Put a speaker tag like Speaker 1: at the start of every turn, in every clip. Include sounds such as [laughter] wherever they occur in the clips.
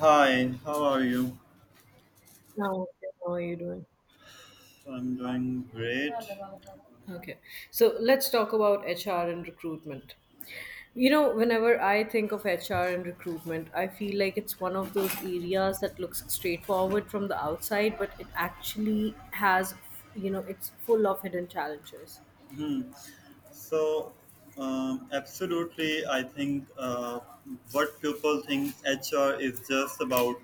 Speaker 1: Hi, how are you?
Speaker 2: Oh, okay. How are you doing?
Speaker 1: I'm doing great.
Speaker 2: Okay. So let's talk about HR and recruitment. Whenever I think of HR and recruitment, I feel like it's one of those areas that looks straightforward from the outside, but it actually has, it's full of hidden challenges.
Speaker 1: Hmm. So, absolutely, I think what people think HR is just about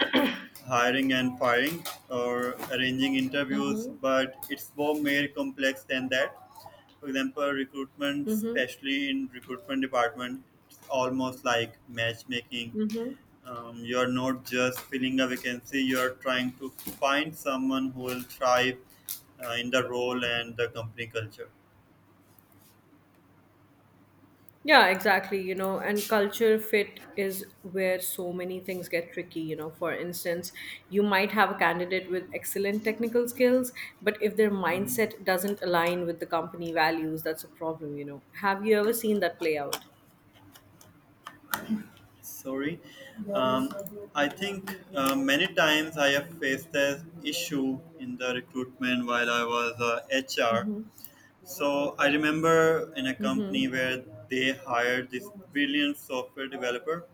Speaker 1: hiring and firing or arranging interviews,
Speaker 2: Mm-hmm.
Speaker 1: but it's more complex than that. For example, recruitment,
Speaker 2: Mm-hmm.
Speaker 1: especially in recruitment department, it's almost like matchmaking.
Speaker 2: Mm-hmm.
Speaker 1: You're not just filling a vacancy, you're trying to find someone who will thrive in the role and the company culture.
Speaker 2: Yeah, exactly, and culture fit is where so many things get tricky. For instance, you might have a candidate with excellent technical skills, but if their
Speaker 1: Hmm,
Speaker 2: mindset doesn't align with the company values, that's a problem. Have you ever seen that play out?
Speaker 1: sorry. Um, I think many times I have faced this issue in the recruitment while I was HR.
Speaker 2: Mm-hmm.
Speaker 1: So I remember in a
Speaker 2: Mm-hmm.
Speaker 1: company where they hired this brilliant software developer,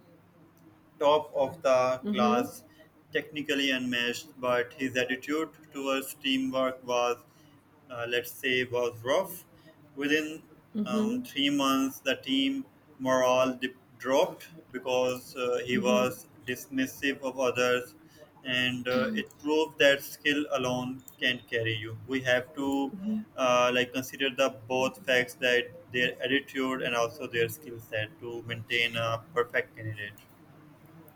Speaker 1: top of the
Speaker 2: Mm-hmm.
Speaker 1: class, technically unmatched, but his attitude towards teamwork was, let's say, was rough. Within
Speaker 2: Mm-hmm.
Speaker 1: 3 months, the team morale dropped because he
Speaker 2: Mm-hmm.
Speaker 1: was dismissive of others, and it proved that skill alone can't carry you. We have to like consider the both facts that their attitude and also their skill set to maintain a perfect candidate.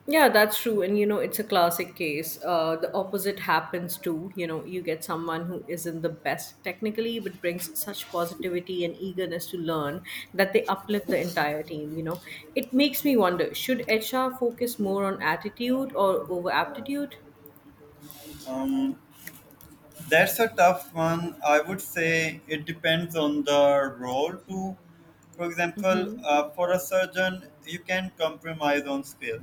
Speaker 2: Yeah, that's true. And it's a classic case. The opposite happens too. You get someone who isn't the best technically, but brings such positivity and eagerness to learn that they uplift the entire team. It makes me wonder should HR focus more on attitude or over aptitude?
Speaker 1: Um, that's a tough one. I would say it depends on the role too. For
Speaker 2: Mm
Speaker 1: example,
Speaker 2: hmm.
Speaker 1: for a surgeon, you can compromise on skill,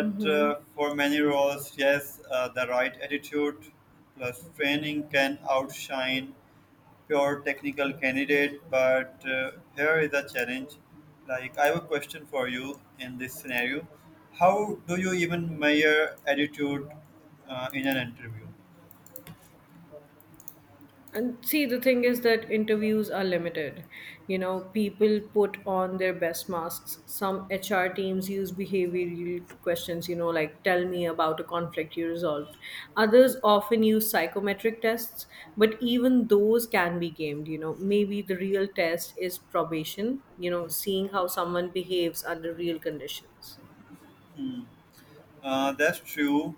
Speaker 2: Mm hmm.
Speaker 1: for many roles, yes, the right attitude plus training can outshine pure technical candidate. But here is a challenge. Like I have a question for you in this scenario. How do you even measure attitude in an interview?
Speaker 2: And see, the thing is that interviews are limited. People put on their best masks. Some HR teams use behavioral questions, like tell me about a conflict you resolved. Others often use psychometric tests, but even those can be gamed. Maybe the real test is probation, seeing how someone behaves under real conditions.
Speaker 1: That's true.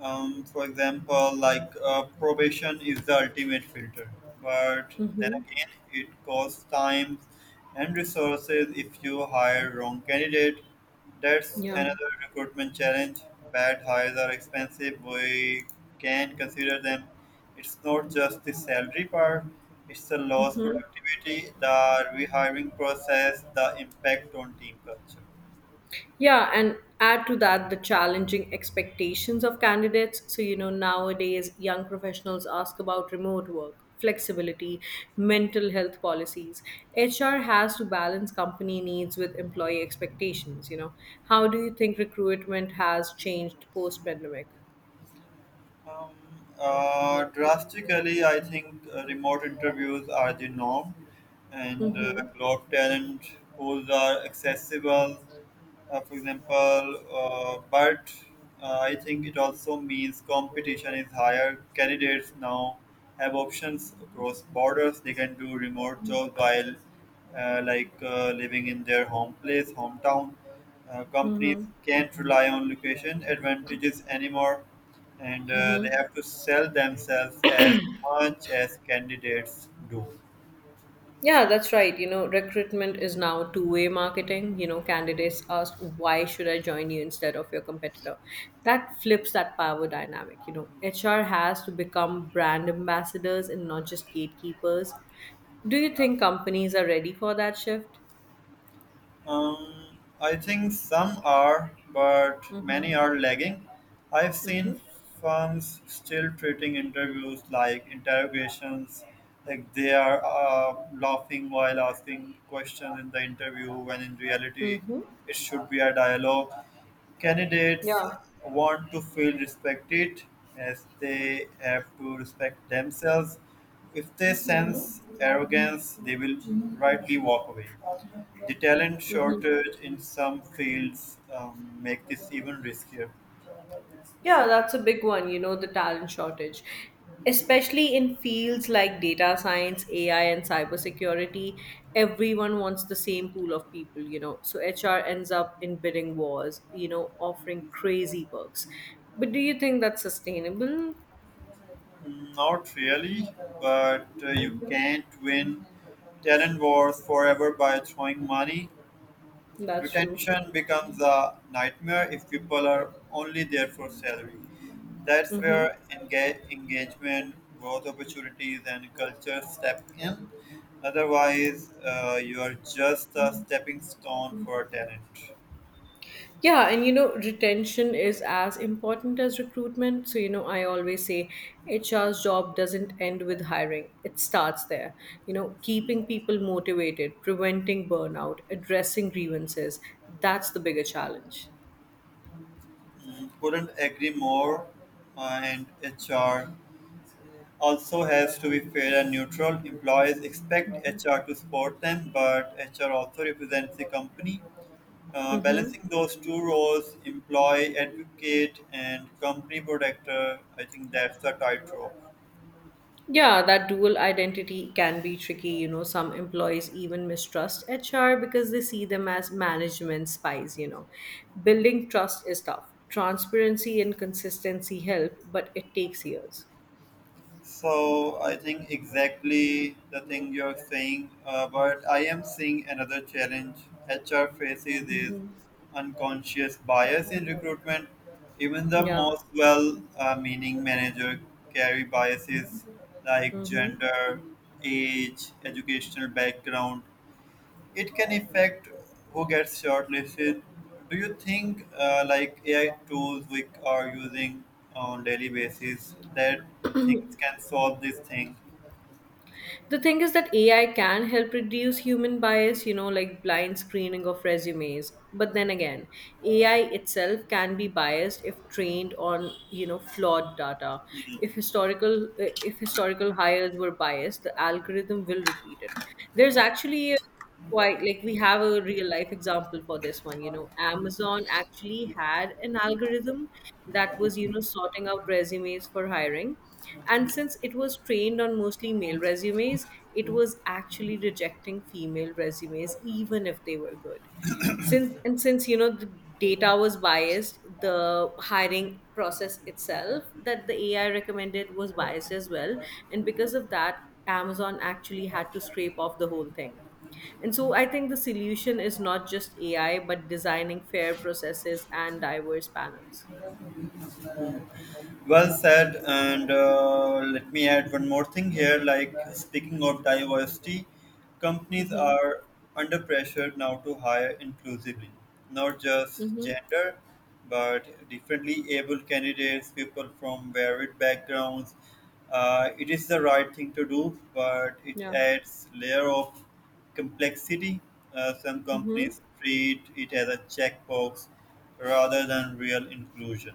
Speaker 1: For example, like probation is the ultimate filter, but then
Speaker 2: Mm-hmm.
Speaker 1: again, it costs time and resources if you hire wrong candidate. That's
Speaker 2: Yeah.
Speaker 1: another recruitment challenge. Bad hires are expensive. We can consider them. It's not just the salary part. It's the lost productivity, the rehiring process, the impact on team culture.
Speaker 2: Yeah, and add to that the challenging expectations of candidates. So, nowadays young professionals ask about remote work, flexibility, mental health policies. HR has to balance company needs with employee expectations. How do you think recruitment has changed post pandemic?
Speaker 1: Um, drastically, I think remote interviews are the norm, and
Speaker 2: Mm-hmm.
Speaker 1: cloud talent pools are accessible, for example. But I think it also means competition is higher. Candidates now have options across borders. They can do remote jobs while, living in their home place, hometown. Companies can't rely on location advantages anymore and they have to sell themselves as much as candidates do.
Speaker 2: Yeah, that's right. Recruitment is now two-way marketing. Candidates ask, why should I join you instead of your competitor? That flips that power dynamic. HR has to become brand ambassadors and not just gatekeepers. Do you think companies are ready for that shift?
Speaker 1: I think some are, but
Speaker 2: Mm-hmm.
Speaker 1: many are lagging. I've seen
Speaker 2: Mm-hmm.
Speaker 1: firms still treating interviews like interrogations, like they are laughing while asking questions in the interview, when in reality,
Speaker 2: Mm-hmm.
Speaker 1: it should be a dialogue. Candidates
Speaker 2: Yeah.
Speaker 1: want to feel respected as they have to respect themselves. If they sense arrogance, they will rightly walk away. The talent shortage in some fields make this even riskier.
Speaker 2: Yeah, that's a big one, the talent shortage, especially in fields like data science, AI, and cybersecurity. Everyone wants the same pool of people, so HR ends up in bidding wars, offering crazy perks. But do you think that's sustainable?
Speaker 1: Not really, but you can't win talent wars forever by throwing money.
Speaker 2: That's true.
Speaker 1: Retention becomes a nightmare if people are only there for salary. That's
Speaker 2: Hmm.
Speaker 1: where engagement, growth opportunities, and culture step in. Otherwise, you are just a stepping stone for talent.
Speaker 2: Yeah, and retention is as important as recruitment. So, I always say HR's job doesn't end with hiring, it starts there. Keeping people motivated, preventing burnout, addressing grievances, that's the bigger challenge.
Speaker 1: Couldn't agree more, and HR also has to be fair and neutral. Employees expect HR to support them, but HR also represents the company.
Speaker 2: Mm-hmm.
Speaker 1: Balancing those two roles, employee advocate and company protector, I think that's the tightrope.
Speaker 2: Yeah, that dual identity can be tricky. Some employees even mistrust HR because they see them as management spies. Building trust is tough. Transparency and consistency help, but it takes years.
Speaker 1: So I think exactly the thing you're saying, but I am seeing another challenge. HR faces is unconscious bias in recruitment. Even the
Speaker 2: Yeah.
Speaker 1: most well-meaning manager carry biases like
Speaker 2: Hmm.
Speaker 1: gender, age, educational background, it can affect who gets shortlisted. Do you think like AI tools we are using on daily basis that things can solve this thing?
Speaker 2: The thing is that AI can help reduce human bias, like blind screening of resumes. But then again, AI itself can be biased if trained on, flawed data. If historical hires were biased, the algorithm will repeat it. There's actually a quite like We have a real life example for this one. Amazon actually had an algorithm that was sorting out resumes for hiring, and since it was trained on mostly male resumes, it was actually rejecting female resumes even if they were good. Since the data was biased, the hiring process itself that the ai recommended was biased as well. And because of that, amazon actually had to scrape off the whole thing. And so I think the solution is not just ai but designing fair processes and diverse panels.
Speaker 1: Well said, and let me add one more thing here. Like speaking of diversity, companies
Speaker 2: Mm-hmm.
Speaker 1: are under pressure now to hire inclusively, not just
Speaker 2: Mm-hmm.
Speaker 1: gender, but differently able candidates, people from varied backgrounds. It is the right thing to do, but it
Speaker 2: Yeah.
Speaker 1: adds layer of complexity. Some
Speaker 2: Mm-hmm.
Speaker 1: companies treat it as a checkbox rather than real inclusion.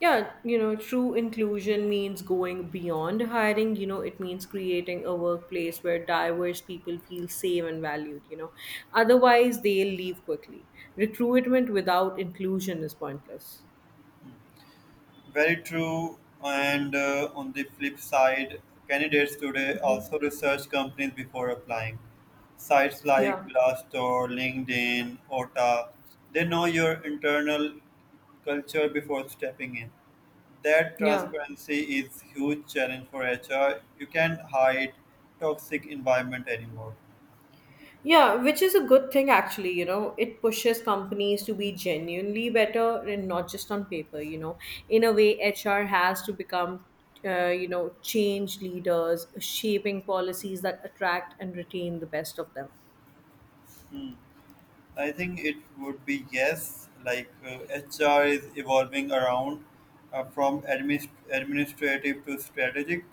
Speaker 2: Yeah, true inclusion means going beyond hiring. It means creating a workplace where diverse people feel safe and valued. Otherwise, they'll leave quickly. Recruitment without inclusion is pointless.
Speaker 1: Very true. And on the flip side, candidates today
Speaker 2: Mhm.
Speaker 1: also research companies before applying. Sites like
Speaker 2: Yeah,
Speaker 1: Glassdoor, LinkedIn, OTA, they know your internal culture before stepping in. That
Speaker 2: yeah.
Speaker 1: transparency is huge challenge for HR. You can't hide toxic environment anymore.
Speaker 2: Yeah, which is a good thing actually. It pushes companies to be genuinely better and not just on paper. In a way, HR has to become, change leaders, shaping policies that attract and retain the best of them.
Speaker 1: Hmm. I think it would be yes. Like HR is evolving around from administrative to strategic.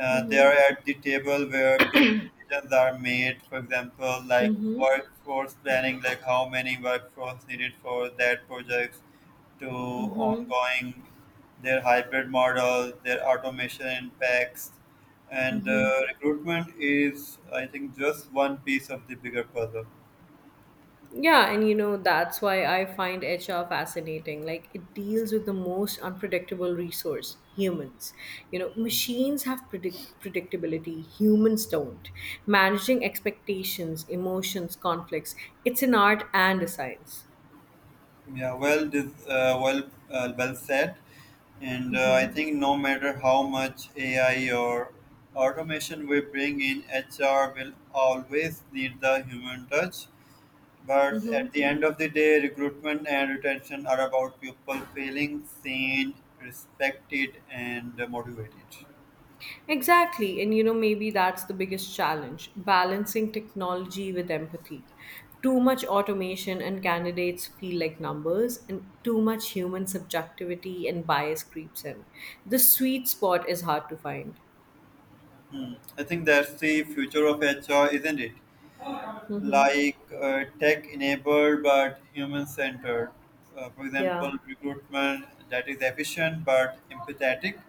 Speaker 1: They
Speaker 2: Mm-hmm.
Speaker 1: are at the table where big decisions are made. For example, like
Speaker 2: Mm-hmm.
Speaker 1: workforce planning, like how many workforce needed for that project, to
Speaker 2: Mm-hmm.
Speaker 1: ongoing their hybrid model, their automation impacts, and
Speaker 2: Mm-hmm.
Speaker 1: recruitment is I think just one piece of the bigger puzzle.
Speaker 2: Yeah, and that's why I find HR fascinating. Like, it deals with the most unpredictable resource humans. Machines have predictability, humans don't. Managing expectations, emotions, conflicts, it's an art and a science.
Speaker 1: Yeah, well, this, uh, well, well said. And I think no matter how much AI or automation we bring in, HR will always need the human touch. But at the end of the day, recruitment and retention are about people feeling seen, respected, and motivated.
Speaker 2: Exactly. And maybe that's the biggest challenge balancing technology with empathy. Too much automation and candidates feel like numbers, and too much human subjectivity and bias creeps in. The sweet spot is hard to find.
Speaker 1: Hmm. I think that's the future of HR, isn't it?
Speaker 2: Mm-hmm.
Speaker 1: Like tech enabled but human centered. For example,
Speaker 2: Yeah.
Speaker 1: recruitment that is efficient but empathetic,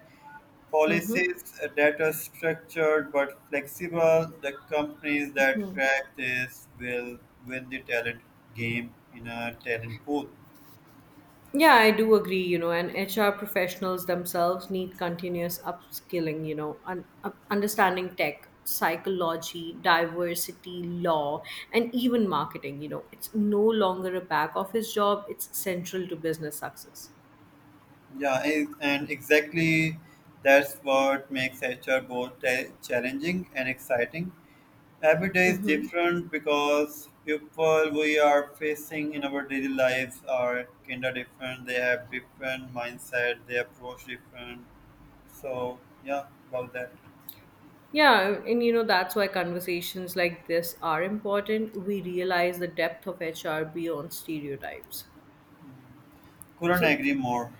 Speaker 2: Mm-hmm.
Speaker 1: policies that are structured but flexible. The companies that crack this will win the talent game in a talent pool.
Speaker 2: Yeah, I do agree, and HR professionals themselves need continuous upskilling, understanding tech, psychology, diversity, law, and even marketing. It's no longer a back office job, it's central to business success.
Speaker 1: And exactly that's what makes HR both challenging and exciting. Every day is different because people we are facing in our daily lives are kind of different. They have different mindset. They approach different. So yeah, about that,
Speaker 2: Yeah, and that's why conversations like this are important. We realize the depth of HR beyond stereotypes.
Speaker 1: couldn't
Speaker 2: So,
Speaker 1: agree more.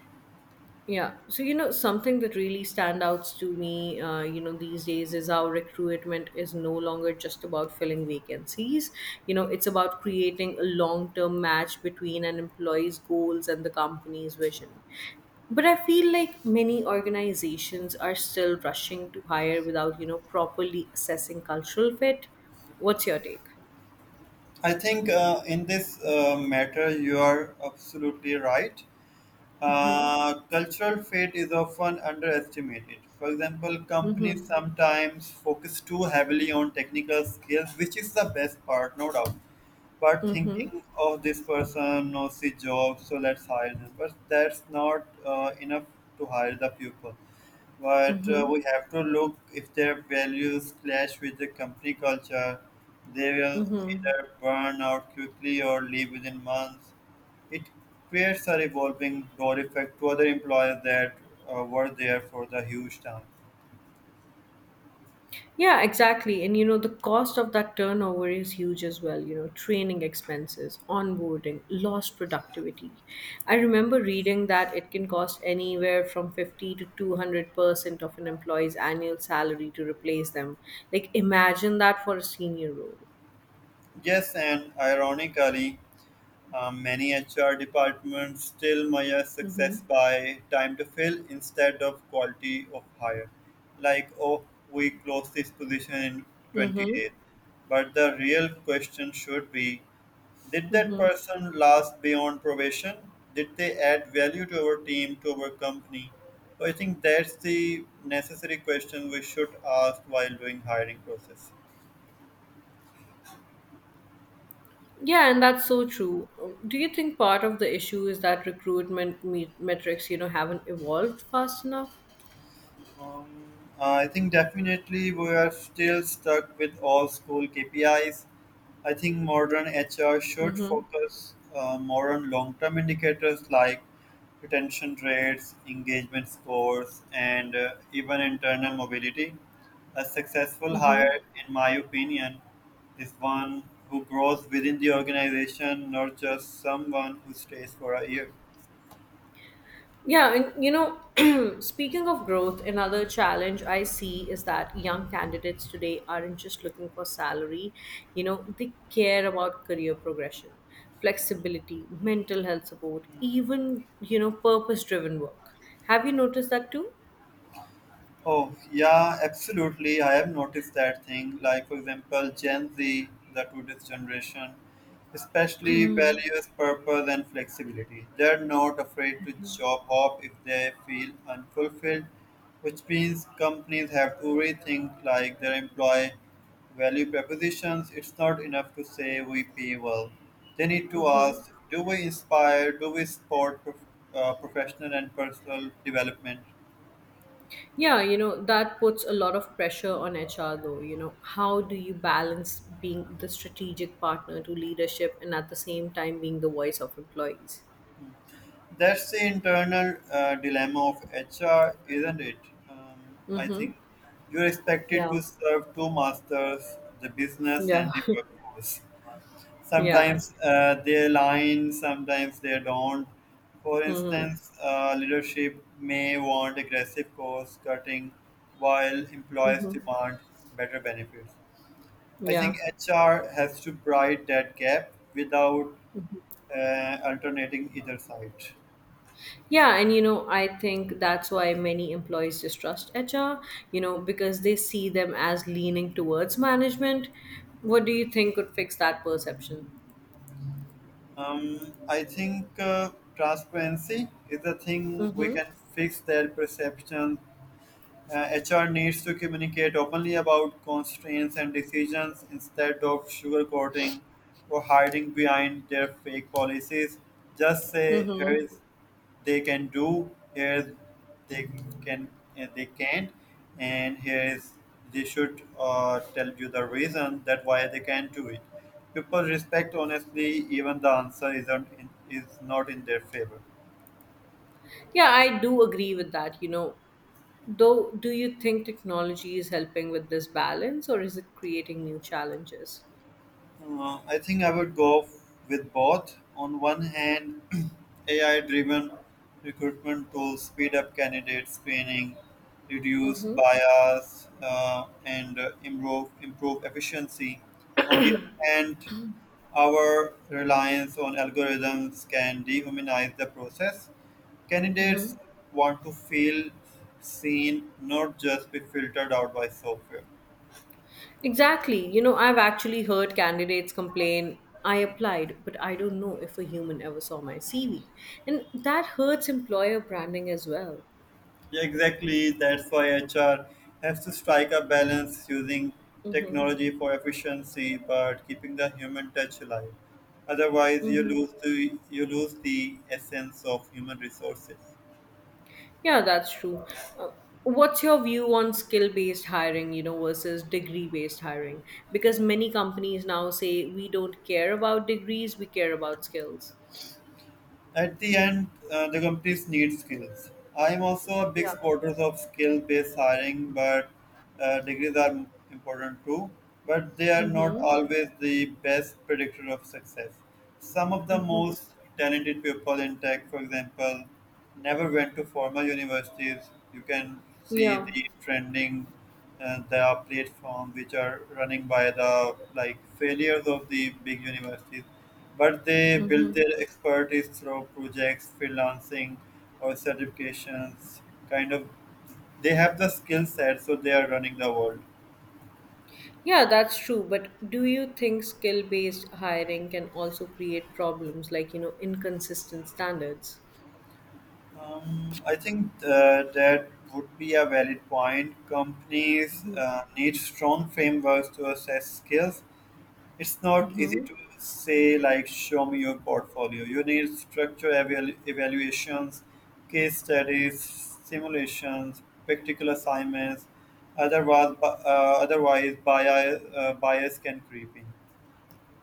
Speaker 2: Yeah. Something that really stand out to me, these days is how recruitment is no longer just about filling vacancies. It's about creating a long term match between an employee's goals and the company's vision. But I feel like many organizations are still rushing to hire without, properly assessing cultural fit. What's your take?
Speaker 1: I think in this matter you are absolutely right. Cultural fit is often underestimated. For example, companies sometimes focus too heavily on technical skills, which is the best part, no doubt. But thinking of this person knows the job, so let's hire this. But that's not enough to hire the pupil but we have to look if their values clash with the company culture. They will either burn out quickly or leave within months. It creates a revolving door effect to other employees that were there for the huge time.
Speaker 2: Yeah, exactly. And the cost of that turnover is huge as well. Training expenses, onboarding, lost productivity. I remember reading that it can cost anywhere from 50 to 200% of an employee's annual salary to replace them. Like, imagine that for a senior role.
Speaker 1: Yes, and ironically, many HR departments still measure success
Speaker 2: Mm-hmm.
Speaker 1: by time to fill instead of quality of hire. Like, oh, we close this position in 20
Speaker 2: Mm-hmm.
Speaker 1: days. But the real question should be, did that
Speaker 2: Mm-hmm.
Speaker 1: person last beyond probation? Did they add value to our team, to our company? So I think that's the necessary question we should ask while doing hiring process.
Speaker 2: Yeah, and that's so true. Do you think part of the issue is that recruitment metrics, haven't evolved fast enough?
Speaker 1: Um, I think definitely we are still stuck with old school KPIs. I think modern HR should
Speaker 2: Mm-hmm.
Speaker 1: focus more on long term indicators like retention rates, engagement scores, and even internal mobility. A successful
Speaker 2: Mm-hmm.
Speaker 1: hire, in my opinion, is one who grows within the organization, not just someone who stays for a year.
Speaker 2: Yeah, and [clears throat] speaking of growth, another challenge I see is that young candidates today aren't just looking for salary, they care about career progression, flexibility, mental health support, even, purpose driven work. Have you noticed that too?
Speaker 1: Oh, yeah, absolutely. I have noticed that thing. Like, for example, Gen Z, the today's generation, especially values purpose and flexibility. They're not afraid to job hop if they feel unfulfilled, which means companies have to rethink like their employee value propositions. It's not enough to say we pay well. They need to
Speaker 2: Mm-hmm.
Speaker 1: ask, do we inspire? Do we support professional and personal development?
Speaker 2: Yeah, that puts a lot of pressure on HR though. How do you balance being the strategic partner to leadership and at the same time being the voice of employees?
Speaker 1: That's the internal dilemma of HR, isn't it? Um, I
Speaker 2: Mm-hmm.
Speaker 1: think you're expected
Speaker 2: Yeah.
Speaker 1: to serve two masters, the business
Speaker 2: Yeah,
Speaker 1: and the workforce.
Speaker 2: [laughs] yeah.
Speaker 1: Sometimes they align, sometimes they don't. For
Speaker 2: Hmm.
Speaker 1: instance, leadership may want aggressive cost cutting while employees
Speaker 2: Hmm.
Speaker 1: demand better benefits. I
Speaker 2: Yeah.
Speaker 1: think HR has to bridge that gap without alternating either side.
Speaker 2: Yeah, and I think that's why many employees distrust HR, because they see them as leaning towards management. What do you think could fix that perception?
Speaker 1: I think transparency is a thing we
Speaker 2: Mm-hmm.
Speaker 1: can fix their perception. HR needs to communicate openly about constraints and decisions instead of sugarcoating or hiding behind their fake policies. Just say here's they can do, here's they can and they can't, and here's they should tell you the reason that why they can't do it. People respect honestly, even the answer isn't in, is not in their favor.
Speaker 2: Yeah, I do agree with that. Though, do you think technology is helping with this balance or is it creating new challenges?
Speaker 1: I think I would go with both. On one hand, [clears throat] AI driven recruitment tools speed up candidate screening, reduce
Speaker 2: Mm-hmm.
Speaker 1: bias, and improve efficiency. On the other hand, our reliance on algorithms can dehumanize the process. Candidates want to feel seen, not just be filtered out by software.
Speaker 2: Exactly. I've actually heard candidates complain, I applied, but I don't know if a human ever saw my CV. And that hurts employer branding as well.
Speaker 1: Yeah, exactly. That's why HR has to strike a balance using
Speaker 2: Mm-hmm.
Speaker 1: technology for efficiency, but keeping the human touch alive. Otherwise,
Speaker 2: Mm-hmm.
Speaker 1: you lose the essence of human resources.
Speaker 2: Yeah, that's true. Uh, what's your view on skill based hiring, versus degree based hiring? Because many companies now say we don't care about degrees, we care about skills.
Speaker 1: At the end, the companies need skills. I am also a big
Speaker 2: Yeah.
Speaker 1: supporter of skill-based hiring, but degrees are important too. But they are not
Speaker 2: Mm-hmm.
Speaker 1: always the best predictor of success. Some of the
Speaker 2: Mm-hmm.
Speaker 1: most talented people in tech, for example, never went to formal universities. You can see
Speaker 2: Yeah.
Speaker 1: the trending the platform which are running by the like failures of the big universities but they
Speaker 2: Mm-hmm.
Speaker 1: build their expertise through projects, freelancing, or certifications. Kind of, they have the skill set, so they are running the world.
Speaker 2: Yeah, that's true. But do you think skill based hiring can also create problems like, inconsistent standards?
Speaker 1: I think that would be a valid point. Companies need strong frameworks to assess skills. It's not easy
Speaker 2: Hmm.
Speaker 1: to say, like, show me your portfolio. You need structure evaluations, case studies, simulations, practical assignments. Otherwise, otherwise bias can creep in.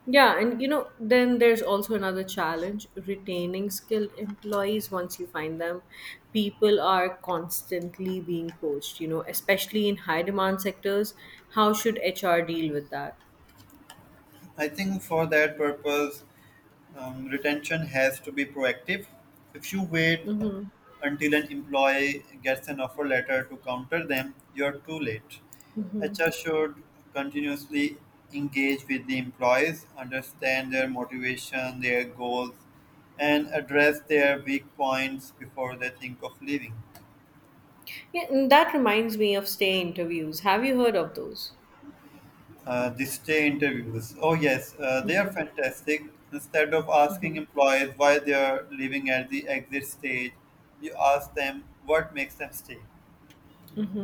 Speaker 2: Yeah, and then there's also another challenge retaining skilled employees once you find them. People are constantly being poached, especially in high demand sectors. How should HR deal with that?
Speaker 1: I think for that purpose, retention has to be proactive. If you wait
Speaker 2: Hmm.
Speaker 1: until an employee gets an offer letter to counter them, you're too late. HR should continuously engage with the employees, understand their motivation, their goals, and address their weak points before they think of leaving.
Speaker 2: Yeah, and that reminds me of stay interviews. Have you heard of those?
Speaker 1: The stay interviews. Oh, yes, they are fantastic. Instead of asking employees why they are leaving at the exit stage, you ask them what makes them stay.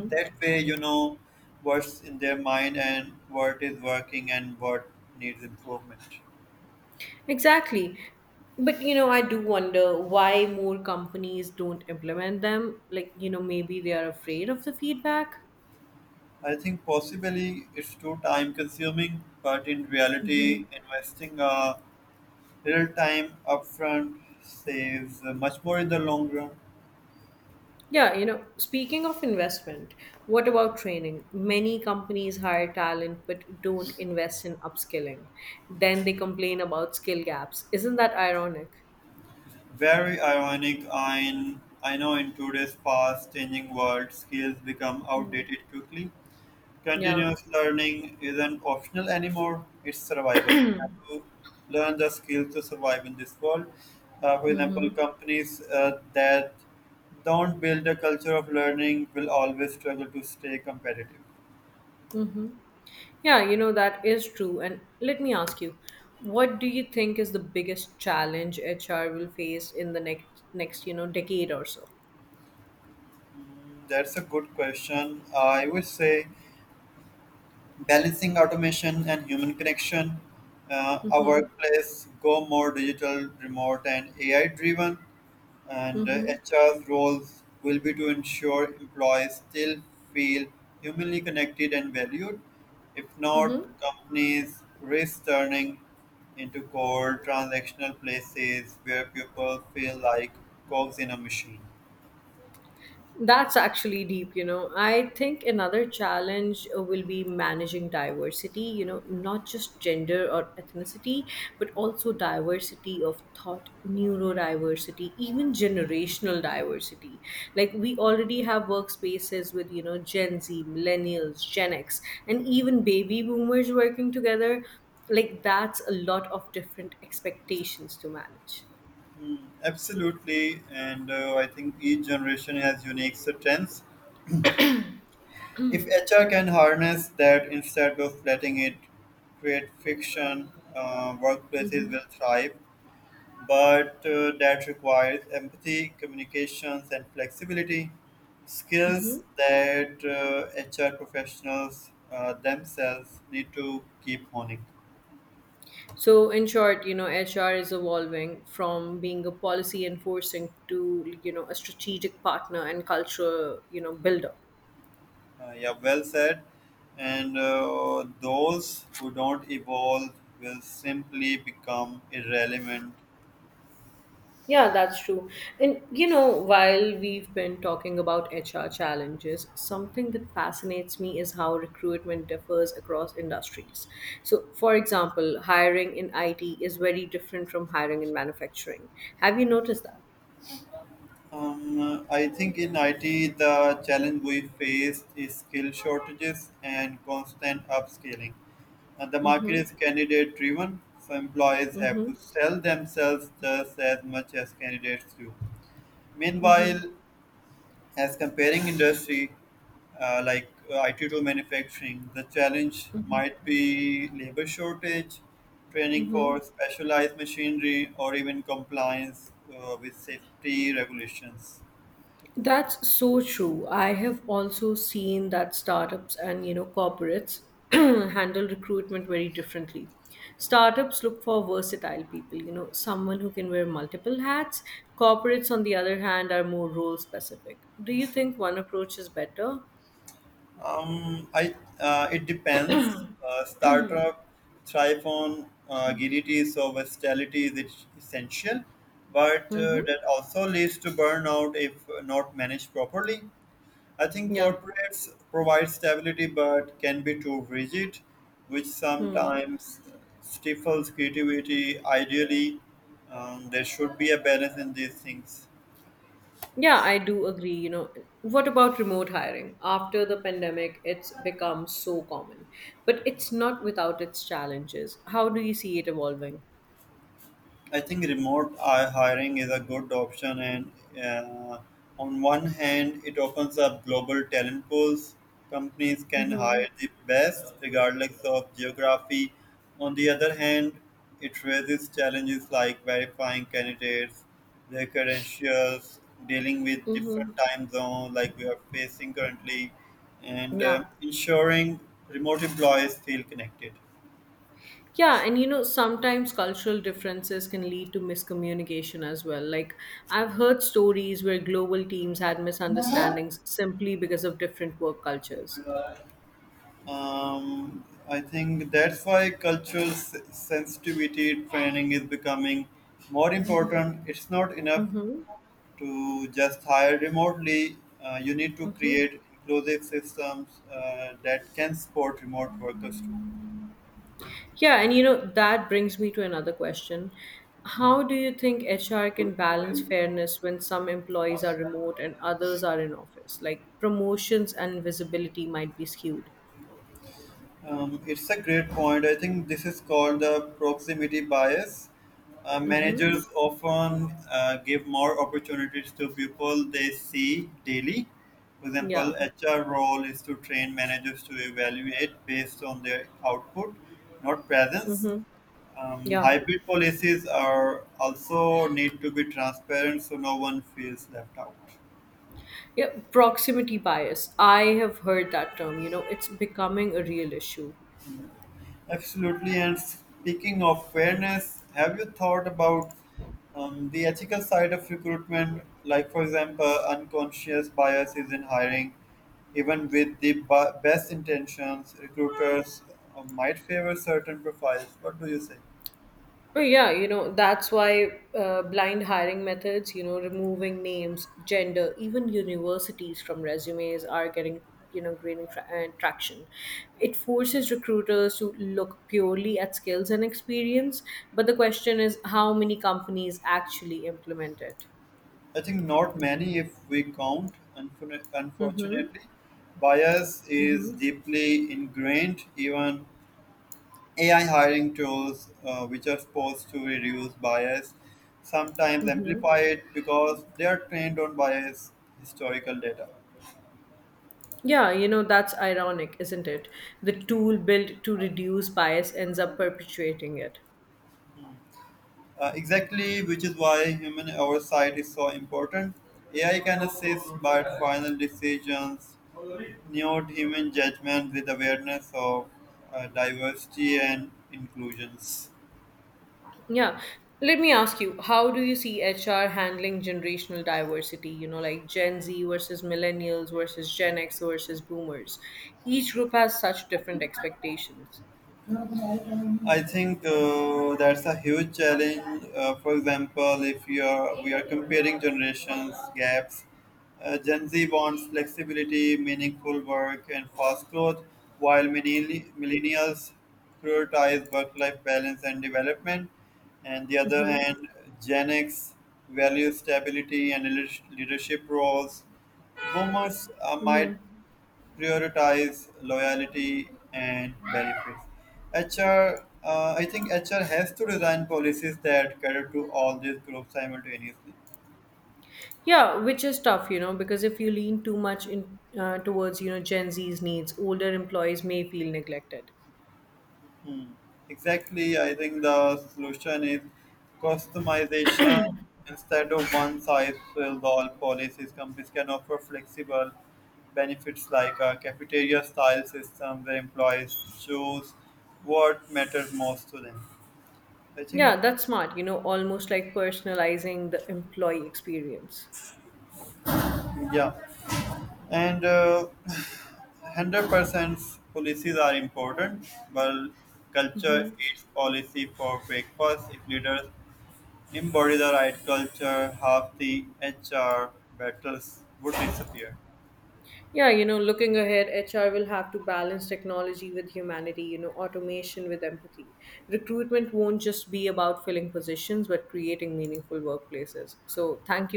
Speaker 1: That way, you know what's in their mind and what is working and what needs improvement.
Speaker 2: Exactly. But I do wonder why more companies don't implement them. Like, maybe they are afraid of the feedback.
Speaker 1: I think possibly it's too time consuming, but in
Speaker 2: Hmm.
Speaker 1: reality, investing a little time upfront saves much more in the long run.
Speaker 2: Yeah, speaking of investment, what about training? Many companies hire talent but don't invest in upskilling. Then they complain about skill gaps. Isn't that ironic?
Speaker 1: Very ironic. I know in today's fast changing world, skills become outdated quickly.
Speaker 2: Yeah.
Speaker 1: Continuous learning isn't optional anymore, it's survival. We have to learn the skills to survive in this world. For example,
Speaker 2: Mm-hmm.
Speaker 1: companies that don't build a culture of learning will always struggle to stay competitive.
Speaker 2: Mm-hmm. Yeah, that is true. And let me ask you, what do you think is the biggest challenge HR will face in the next decade or so?
Speaker 1: Mm. That's a good question. I would say balancing automation and human connection. Our
Speaker 2: Mm-hmm.
Speaker 1: workplace go more digital, remote, and AI driven, and
Speaker 2: Mm-hmm.
Speaker 1: HR's roles will be to ensure employees still feel humanly connected and valued. If not,
Speaker 2: Mm-hmm.
Speaker 1: companies risk turning into cold transactional places where people feel like cogs in a machine.
Speaker 2: That's actually deep. I think another challenge will be managing diversity, not just gender or ethnicity, but also diversity of thought, neurodiversity, even generational diversity. Like, we already have workspaces with, Gen Z, millennials, Gen X, and even baby boomers working together. Like, that's a lot of different expectations to manage.
Speaker 1: Mm. Absolutely, and I think each generation has unique strengths. If HR can harness that instead of letting it create friction, workplaces
Speaker 2: Mhm.
Speaker 1: will thrive. But that requires empathy, communications, and flexibility skills that HR professionals themselves need to keep honing.
Speaker 2: So, in short, HR is evolving from being a policy enforcing to, a strategic partner and cultural, builder.
Speaker 1: Yeah, well said. And those who don't evolve will simply become irrelevant.
Speaker 2: Yeah, that's true. And, while we've been talking about HR challenges, something that fascinates me is how recruitment differs across industries. So, for example, hiring in IT is very different from hiring in manufacturing. Have you noticed that?
Speaker 1: I think in IT, the challenge we face is skill shortages and constant upscaling. And the market
Speaker 2: Mm-hmm,
Speaker 1: is candidate driven, so employees have
Speaker 2: mm-hmm,
Speaker 1: to sell themselves just as much as candidates do.
Speaker 2: mm-hmm,
Speaker 1: Meanwhile, as comparing industry IT to manufacturing, the challenge might be labor shortage, training
Speaker 2: mm-hmm.
Speaker 1: for specialized machinery, or even compliance with safety regulations.
Speaker 2: That's so true. I have also seen that startups and corporates [clears throat] handle recruitment very differently. Startups look for versatile people, someone who can wear multiple hats. Corporates, on the other hand, are more role specific. Do you think one approach is better?
Speaker 1: I it depends. Startup thrive on agility, so versatility is essential, but
Speaker 2: Mm-hmm.
Speaker 1: that also leads to burnout if not managed properly. I think
Speaker 2: Yeah.
Speaker 1: corporates provide stability, but can be too rigid, which
Speaker 2: Hmm.
Speaker 1: sometimes stifles creativity. Ideally, there should be a balance in these things.
Speaker 2: Yeah, I do agree. What about remote hiring? After the pandemic, it's become so common, but it's not without its challenges. How do you see it evolving?
Speaker 1: I think remote hiring is a good option, and uh, on one hand, it opens up global talent pools. Companies can
Speaker 2: Mm-hmm.
Speaker 1: hire the best, regardless of geography. On the other hand, it raises challenges like verifying candidates, their credentials, dealing with different
Speaker 2: Mm-hmm.
Speaker 1: time zones like we are facing currently, and
Speaker 2: Yeah.
Speaker 1: ensuring remote employees feel connected.
Speaker 2: Yeah, and sometimes cultural differences can lead to miscommunication as well. Like, I've heard stories where global teams had misunderstandings simply because of different work cultures.
Speaker 1: I think that's why cultural sensitivity training is becoming more important. It's not enough
Speaker 2: Mm-hmm.
Speaker 1: to just hire remotely. You need to
Speaker 2: Mm-hmm.
Speaker 1: create inclusive systems that can support remote workers too.
Speaker 2: Yeah, and that brings me to another question. How do you think HR can balance fairness when some employees are remote and others are in office? Like, promotions and visibility might be skewed.
Speaker 1: It's a great point. I think this is called the proximity bias. Managers often give more opportunities to people they see daily. For example,
Speaker 2: Yeah.
Speaker 1: HR role is to train managers to evaluate based on their output, not presence.
Speaker 2: Mm-hmm. Yeah.
Speaker 1: Hybrid policies are also need to be transparent so no one feels left out.
Speaker 2: Yeah, proximity bias. I have heard that term. It's becoming a real issue.
Speaker 1: Absolutely. And speaking of fairness, have you thought about the ethical side of recruitment? Like, for example, unconscious biases in hiring, even with the best intentions, recruiters might favor certain profiles. What do you say?
Speaker 2: But yeah, that's why blind hiring methods, removing names, gender, even universities from resumes are gaining traction. It forces recruiters to look purely at skills and experience. But the question is, how many companies actually implement it?
Speaker 1: I think not many, if we count,
Speaker 2: Mm-hmm.
Speaker 1: unfortunately. Bias is
Speaker 2: Mm-hmm.
Speaker 1: deeply ingrained, even AI hiring tools, which are supposed to reduce bias, sometimes
Speaker 2: Mm-hmm.
Speaker 1: amplify it because they are trained on biased historical data.
Speaker 2: Yeah, that's ironic, isn't it? The tool built to reduce bias ends up perpetuating it.
Speaker 1: Exactly, which is why human oversight is so important. AI can assist but final decisions, note human judgment with awareness of diversity and inclusions.
Speaker 2: Yeah. Let me ask you, how do you see HR handling generational diversity? Like Gen Z versus millennials versus Gen X versus boomers. Each group has such different expectations.
Speaker 1: I think that's a huge challenge. For example, if you are, we are comparing generations gaps, Gen Z wants flexibility, meaningful work, and fast growth, while millennials prioritize work-life balance and development. And the other hand, Gen X values stability and leadership roles. Boomers might prioritize loyalty and benefits. HR, uh, I think HR has to design policies that cater to all these groups simultaneously.
Speaker 2: Yeah, which is tough, because if you lean too much in towards, Gen Z's needs, older employees may feel neglected.
Speaker 1: Hmm. Exactly, I think the solution is customization instead of one size fits all policies. Companies can offer flexible benefits like a cafeteria style system where employees choose what matters most to them. I think,
Speaker 2: Yeah, that's smart, almost like personalizing the employee experience.
Speaker 1: yeah. And 100% policies are important, but culture eats policy for breakfast. If leaders embody the right culture, half the HR battles would disappear.
Speaker 2: Yeah, looking ahead, HR will have to balance technology with humanity, automation with empathy. Recruitment won't just be about filling positions, but creating meaningful workplaces. So, thank you.